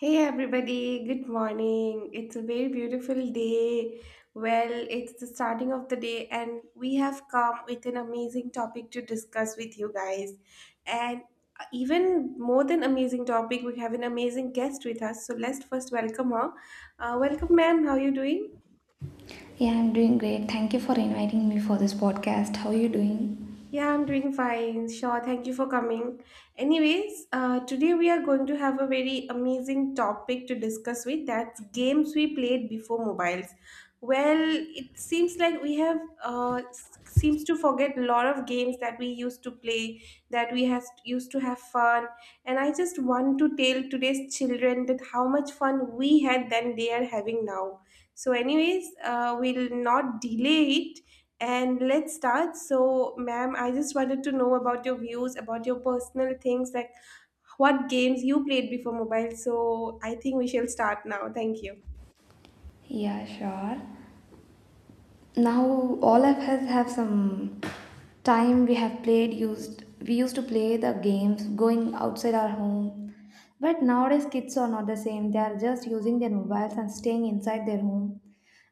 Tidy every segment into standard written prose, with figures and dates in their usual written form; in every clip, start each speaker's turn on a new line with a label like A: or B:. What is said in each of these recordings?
A: Hey everybody, good morning. It's a very beautiful day. Well, it's the starting of the day, and we have come with an amazing topic to discuss with you guys. And even more than amazing topic, we have an amazing guest with us. So let's first welcome her. Welcome, ma'am. How are you doing?
B: Yeah, I'm doing great. Thank you for inviting me for this podcast. How are you doing?
A: Yeah, I'm doing fine. Sure, thank you for coming. Anyways, today we are going to have a very amazing topic to discuss with. That's games we played before mobiles. Well, it seems like we have seems to forget a lot of games that we used to play, that we has used to have fun. And I just want to tell today's children that how much fun we had then they are having now. So, anyways, we'll not delay it and let's start. So, ma'am, I just wanted to know about your views, about your personal things, like what games you played before mobile. So, I think we shall start now. Thank you.
B: Yeah, sure. Now all of us have some time we have played used we used to play the games going outside our home. But nowadays kids are not the same. They are just using their mobiles and staying inside their home.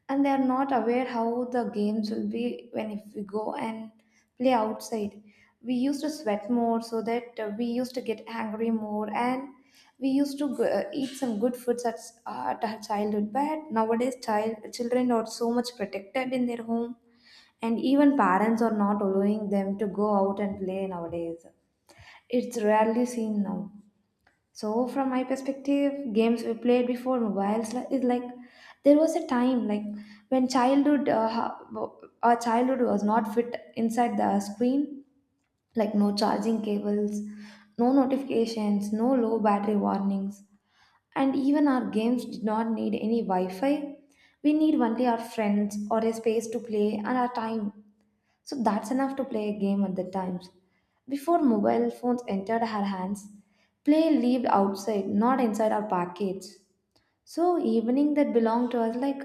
B: And they are not aware how the games will be when if we go and play outside. We used to sweat more so that we used to get angry more, and we used to go, eat some good foods at, at our childhood. But nowadays children are so much protected in their home, and even parents are not allowing them to go out and play nowadays. It's rarely seen now. So from my perspective, games we played before mobiles is like there was a time like when our childhood was not fit inside the screen, like no charging cables, no notifications, no low battery warnings, and even our games did not need any Wi Fi. We need only our friends or a space to play and our time. So that's enough to play a game at the times. Before mobile phones entered our hands, play lived outside, not inside our package. So evening that belonged to us, like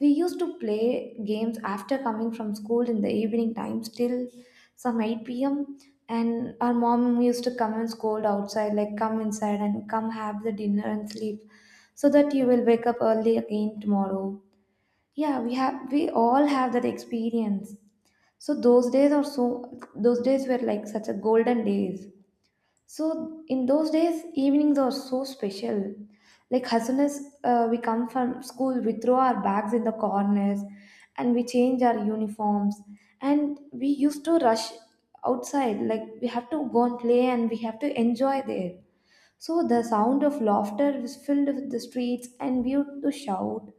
B: we used to play games after coming from school in the evening times till some 8 p.m. And our mom used to come and scold outside, like come inside and come have the dinner and sleep, so that you will wake up early again tomorrow. Yeah, we all have that experience. So those days are so those days were like such a golden days. So in those days, evenings are so special. Like as soon as we come from school, we throw our bags in the corners and we change our uniforms. And we used to rush outside, like we have to go and play and we have to enjoy there. So the sound of laughter was filled with the streets and we used to shout.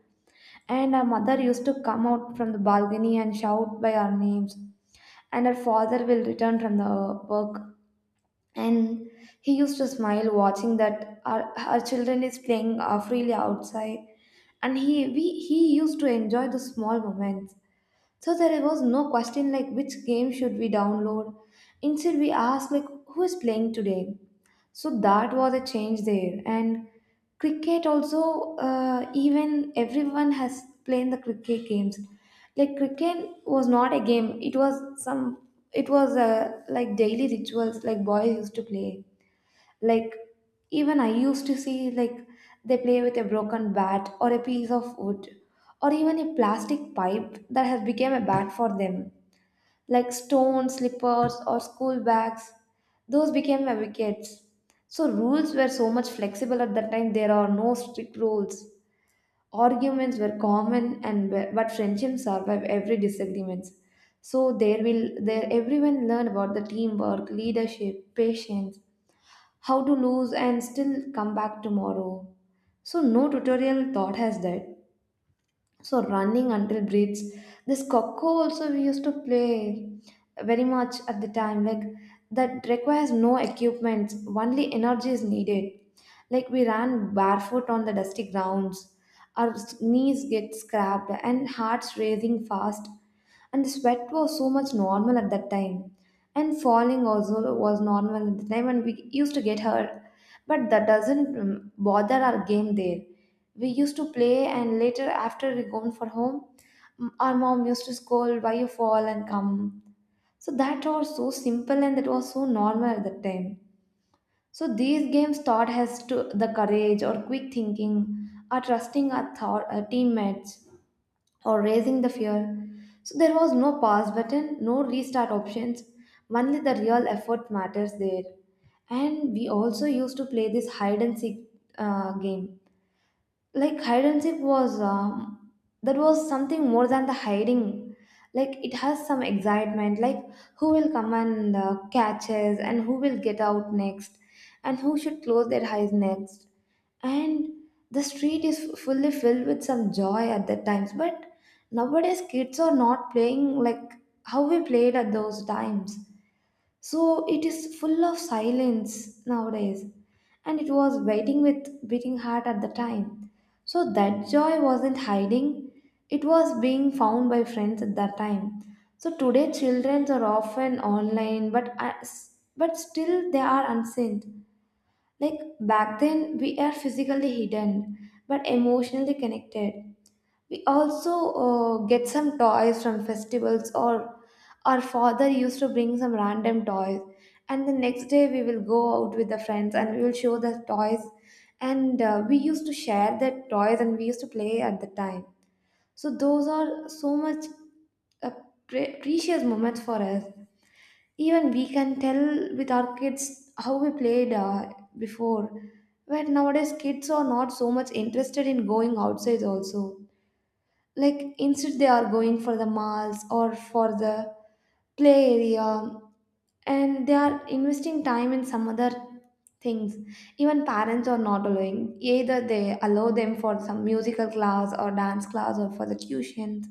B: And our mother used to come out from the balcony and shout by our names. And our father will return from the work, and he used to smile watching that our children is playing freely outside, and he used to enjoy the small moments. So there was no question like which game should we download. Instead, we asked like who is playing today. So that was a change there. And cricket also, even everyone has played the cricket games. Like cricket was not a game. It was some. It was like daily rituals, like boys used to play, like even I used to see, like they play with a broken bat or a piece of wood or even a plastic pipe that has become a bat for them, like stones, slippers, or school bags, those became my wickets. So rules were so much flexible at that time, there are no strict rules. Arguments were common, and but friendship survived every disagreements. So there everyone learn about the teamwork, leadership, patience, how to lose and still come back tomorrow. So no tutorial taught us that. So running until breathes. This coco also we used to play very much at the time. Like that requires no equipment. Only energy is needed. Like we ran barefoot on the dusty grounds. Our knees get scrapped and hearts racing fast. And the sweat was so much normal at that time, and falling also was normal at the time, and we used to get hurt, but that doesn't bother our game there. We used to play, and later after we gone for home, our mom used to scold why you fall and come. So that was so simple and that was so normal at that time. So these games taught us to the courage or quick thinking or trusting our teammates or raising the fear. So there was no pause button, no restart options, only the real effort matters there. And we also used to play this hide and seek game. Like hide and seek was that was something more than the hiding. Like it has some excitement, like who will come and catch us and who will get out next and who should close their eyes next. And the street is fully filled with some joy at that times, but nowadays kids are not playing like how we played at those times. So it is full of silence nowadays, and it was waiting with beating heart at the time. So that joy wasn't hiding, it was being found by friends at that time. So today children are often online, but still they are unseen. Like back then, we are physically hidden but emotionally connected. We also get some toys from festivals, or our father used to bring some random toys. And the next day, we will go out with the friends and we will show the toys. And we used to share the toys and we used to play at the time. So those are so much uh, precious moments for us. Even we can tell with our kids how we played before. But nowadays kids are not so much interested in going outside also, like instead they are going for the malls or for the play area, and they are investing time in some other things. Even parents are not allowing, either they allow them for some musical class or dance class or for the tuitions,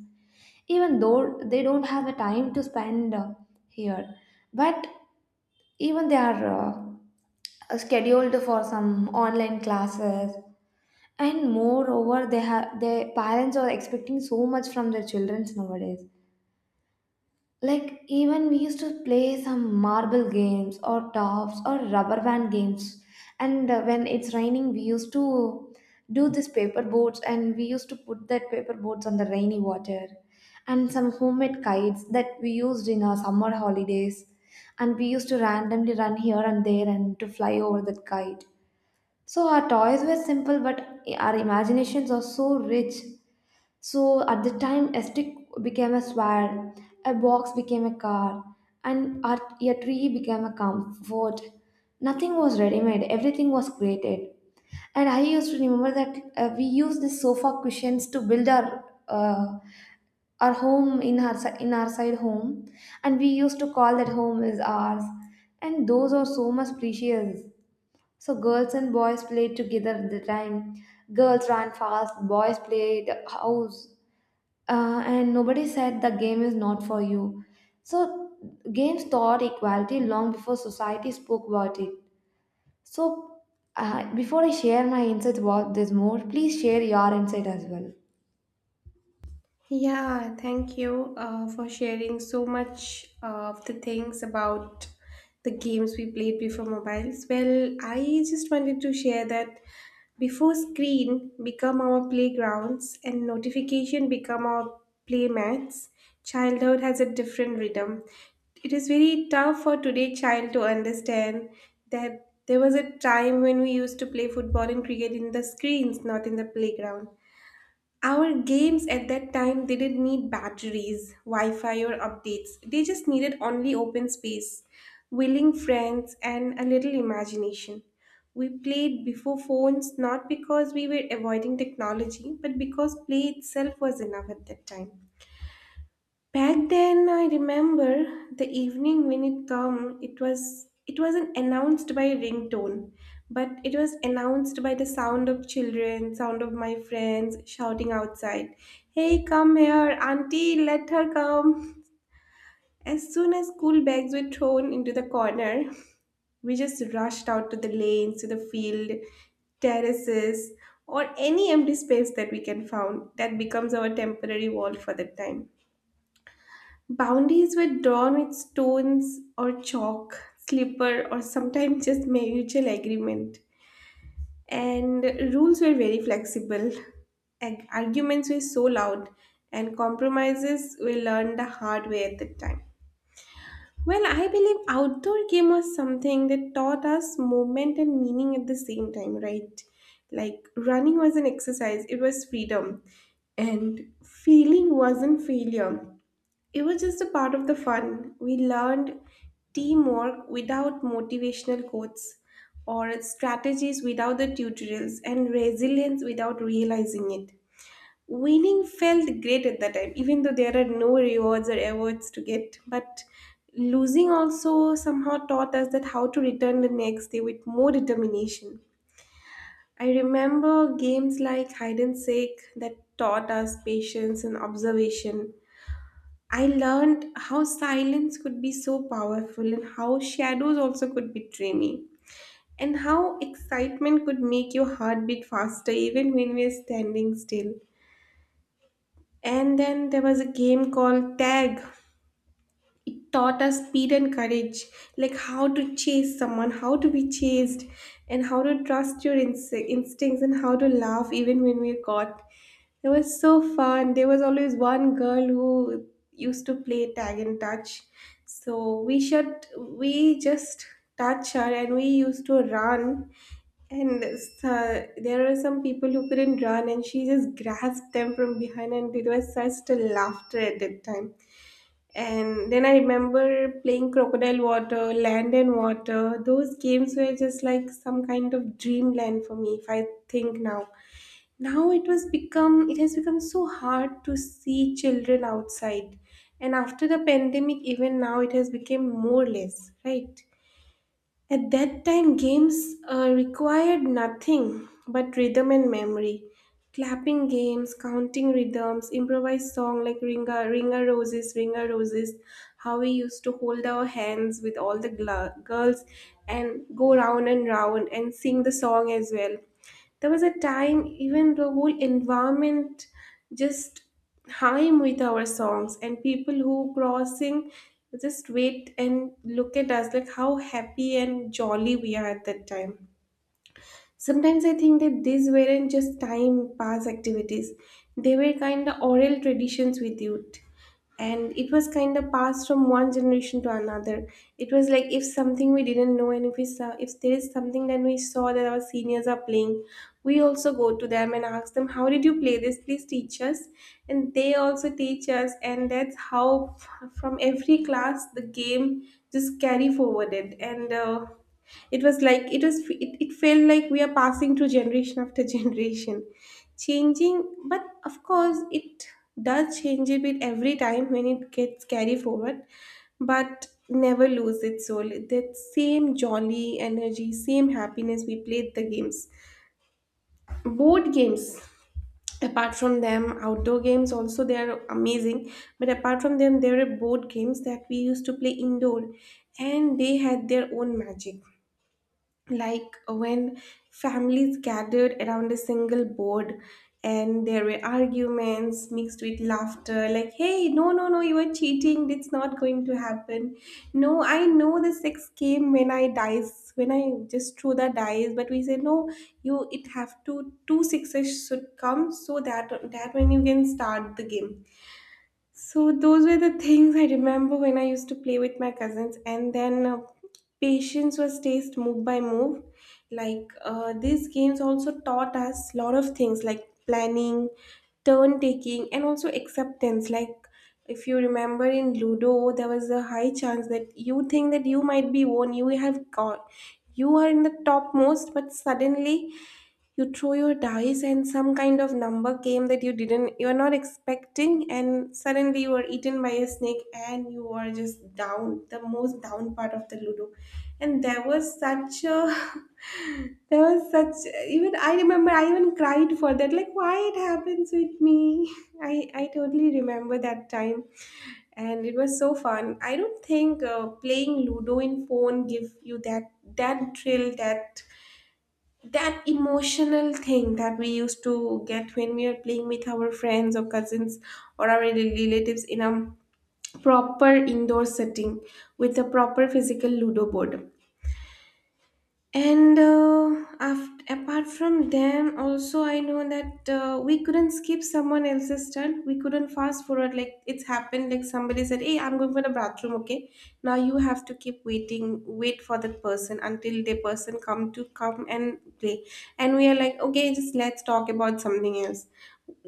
B: even though they don't have the time to spend here. But even they are scheduled for some online classes, and moreover they have their parents are expecting so much from their children nowadays. Like even we used to play some marble games or tops or rubber band games. And when it's raining, we used to do this paper boats and we used to put that paper boats on the rainy water. And some homemade kites that we used in our summer holidays. And we used to randomly run here and there and to fly over that kite. So our toys were simple, but our imaginations are so rich. So at the time, a stick became a sword, a box became a car, and a tree became a comfort. Nothing was ready made, everything was created. And I used to remember that we used the sofa cushions to build our home in our in our side home, and we used to call that home is ours. And those are so much precious. So girls and boys played together at the time. Girls ran fast, boys played house, and nobody said the game is not for you. So games taught equality long before society spoke about it. So before I share my insights about this more, please share your insight as well.
A: Yeah, thank you for sharing so much of the things about the games we played before mobiles. Well, I just wanted to share that before screen become our playgrounds and notification become our playmats, childhood has a different rhythm. It is very tough for today child to understand that there was a time when we used to play football and cricket in the screens, not in the playground. Our games at that time didn't need batteries, Wi Fi, or updates. They just needed only open space, willing friends, and a little imagination. We played before phones not because we were avoiding technology, but because play itself was enough at that time. Back then, I remember the evening when it come. It was, it wasn't announced by ringtone, but it was announced by the sound of children, sound of my friends shouting outside, "Hey, come here, auntie! Let her come!" As soon as school bags were thrown into the corner, we just rushed out to the lanes, to the field, terraces, or any empty space that we can find. That becomes our temporary wall for the time. Boundaries were drawn with stones or chalk, slipper, or sometimes just mutual agreement. And rules were very flexible. Arguments were so loud, and compromises were learned the hard way at that time. Well, I believe outdoor game was something that taught us movement and meaning at the same time, right? Like, running was an exercise, it was freedom, and failing wasn't failure, it was just a part of the fun. We learned teamwork without motivational quotes, or strategies without the tutorials, and resilience without realizing it. Winning felt great at that time, even though there are no rewards or awards to get. But losing also somehow taught us that how to return the next day with more determination. I remember games like hide and seek that taught us patience and observation. I learned how silence could be so powerful and how shadows also could betray me. And how excitement could make your heart beat faster even when we're standing still. And then there was a game called tag. It taught us speed and courage, like how to chase someone, how to be chased, and how to trust your instincts, and how to laugh even when we're caught. It was so fun. There was always one girl who used to play tag and touch, so we just touch her and we used to run. And uh, there were some people who couldn't run and she just grasped them from behind, and it was such a laughter at that time. And then I remember playing Crocodile Water, Land and Water. Those games were just like some kind of dreamland for me if I think now. Now it has become so hard to see children outside. And after the pandemic even now it has become more less, right? At that time, games required nothing but rhythm and memory. Clapping games, counting rhythms, improvised song like Ringa, Ringa Roses, Ringa Roses, how we used to hold our hands with all the girls and go round and round and sing the song as well. There was a time even the whole environment just hymn with our songs, and people who crossing just wait and look at us, like how happy and jolly we are at that time. Sometimes I think that these weren't just time pass activities, they were kind of oral traditions with youth. And it was kind of passed from one generation to another. It was like, if something we didn't know, and if we saw, if there is something that we saw that our seniors are playing, we also go to them and ask them, "How did you play this? Please teach us." And they also teach us, and that's how from every class the game just carry forwarded. And it was like it was, it felt like we are passing through generation after generation, changing, but of course it does change a bit every time when it gets carried forward, but never lose its soul, that same jolly energy, same happiness. We played the games, board games. Apart from them, outdoor games also, they are amazing, but apart from them there are board games that we used to play indoor, and they had their own magic, like when families gathered around a single board and there were arguments mixed with laughter, like, "Hey, no, no, no, you are cheating, that's not going to happen. No, I know the six came when I dice when I just threw the dice." But we say, "No, you, it have to two sixes should come so that when you can start the game." So those were the things I remember when I used to play with my cousins, and then patience was taste move by move. Like, these games also taught us lot of things like planning, turn taking, and also acceptance. Like, if you remember in Ludo, there was a high chance that you think that you might be won, you have got, you are in the topmost, but suddenly you throw your dice and some kind of number came that you didn't, you are not expecting, and suddenly you were eaten by a snake and you were just down the most down part of the Ludo. And there was such a there was such even I remember, I even cried for that, like why it happens with me. I totally remember that time. And it was so fun. I don't think playing Ludo in phone give you that, that thrill, that emotional thing that we used to get when we are playing with our friends or cousins, or our relatives in a proper indoor setting with a proper physical Ludo board. And apart from them, also I know that we couldn't skip someone else's turn. We couldn't fast forward. Like, it's happened. Like, somebody said, "Hey, I'm going for the bathroom." Okay, now you have to keep waiting. Wait for that person until the person come to come and play. And we are like, okay, just let's talk about something else.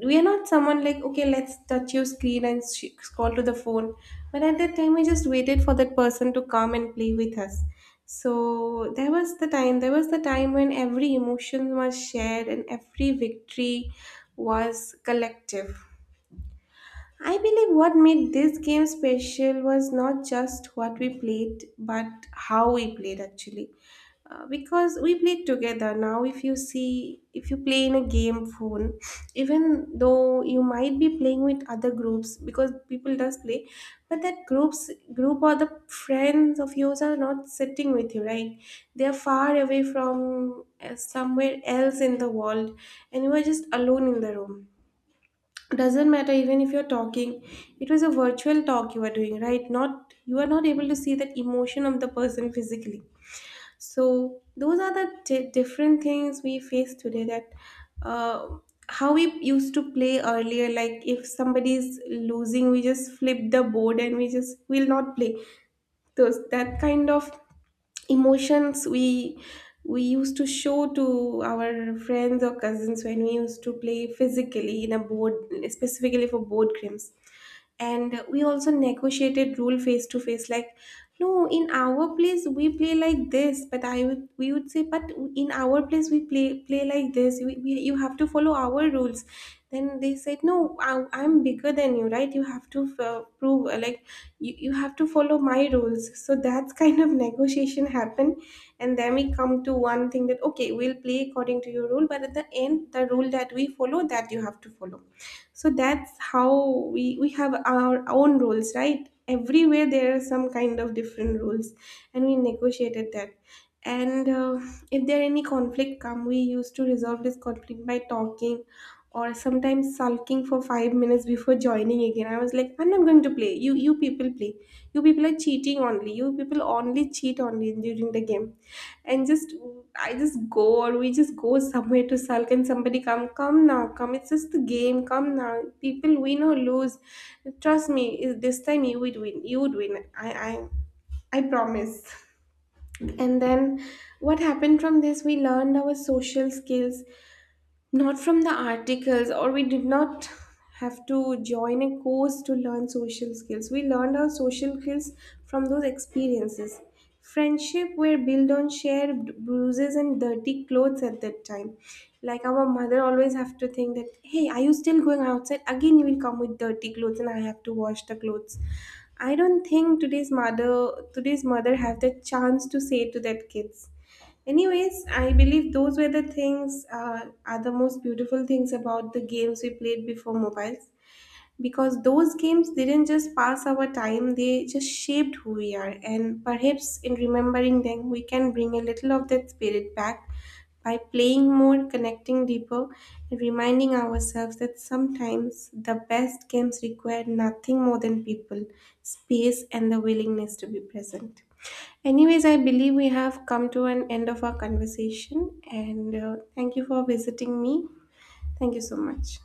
A: We are not someone like, okay, let's touch your screen and scroll to the phone. But at that time we just waited for that person to come and play with us. So there was the time, there was the time when every emotion was shared and every victory was collective. I believe what made this game special was not just what we played, but how we played actually. Because we played together. Now if you see, if you play in a game phone, even though you might be playing with other groups because people does play, but that groups group or the friends of yours are not sitting with you, right? They are far away from, somewhere else in the world, and you are just alone in the room. Doesn't matter even if you're talking, it was a virtual talk you are doing, right? Not, you are not able to see that emotion of the person physically. So those are the di different things we face today, that uh, how we used to play earlier, like if somebody is losing we just flip the board and we just will not play. Those That kind of emotions, we used to show to our friends or cousins when we used to play physically in a board, specifically for board games. And we also negotiated rule face to face, like, "No, in our place we play like this." But I would we would say, "But in our place we play like this. You have to follow our rules." Then they said, "No, I'm bigger than you, right? You have to prove, like you have to follow my rules." So that's kind of negotiation happened. And then we come to one thing that, okay, we'll play according to your rule, but at the end the rule that we follow, that you have to follow. So that's how we have our own rules, right? Everywhere there are some kind of different rules, and we negotiated that. And if there any conflict come, we used to resolve this conflict by talking, or sometimes sulking for 5 minutes before joining again. I was like, "I'm not going to play. You people play. You people are cheating, only you people only cheat only during the game." And just I just go or we just go somewhere to sulk, and somebody come now come, it's just the game, come now, people win or lose, trust me, is this time you would win. I promise. And then what happened from this, we learned our social skills, not from the articles, or we did not have to join a course to learn social skills. We learned our social skills from those experiences. Friendship were built on shared bruises and dirty clothes at that time. Like, our mother always have to think that, "Hey, are you still going outside? Again you will come with dirty clothes and I have to wash the clothes." I don't think today's mother, have the chance to say to that kids. Anyways, I believe those were the things, are the most beautiful things about the games we played before mobiles, because those games didn't just pass our time, they just shaped who we are. And perhaps in remembering them, we can bring a little of that spirit back by playing more, connecting deeper, and reminding ourselves that sometimes the best games require nothing more than people, space, and the willingness to be present. Anyways, I believe we have come to an end of our conversation, and thank you for visiting me. Thank you so much.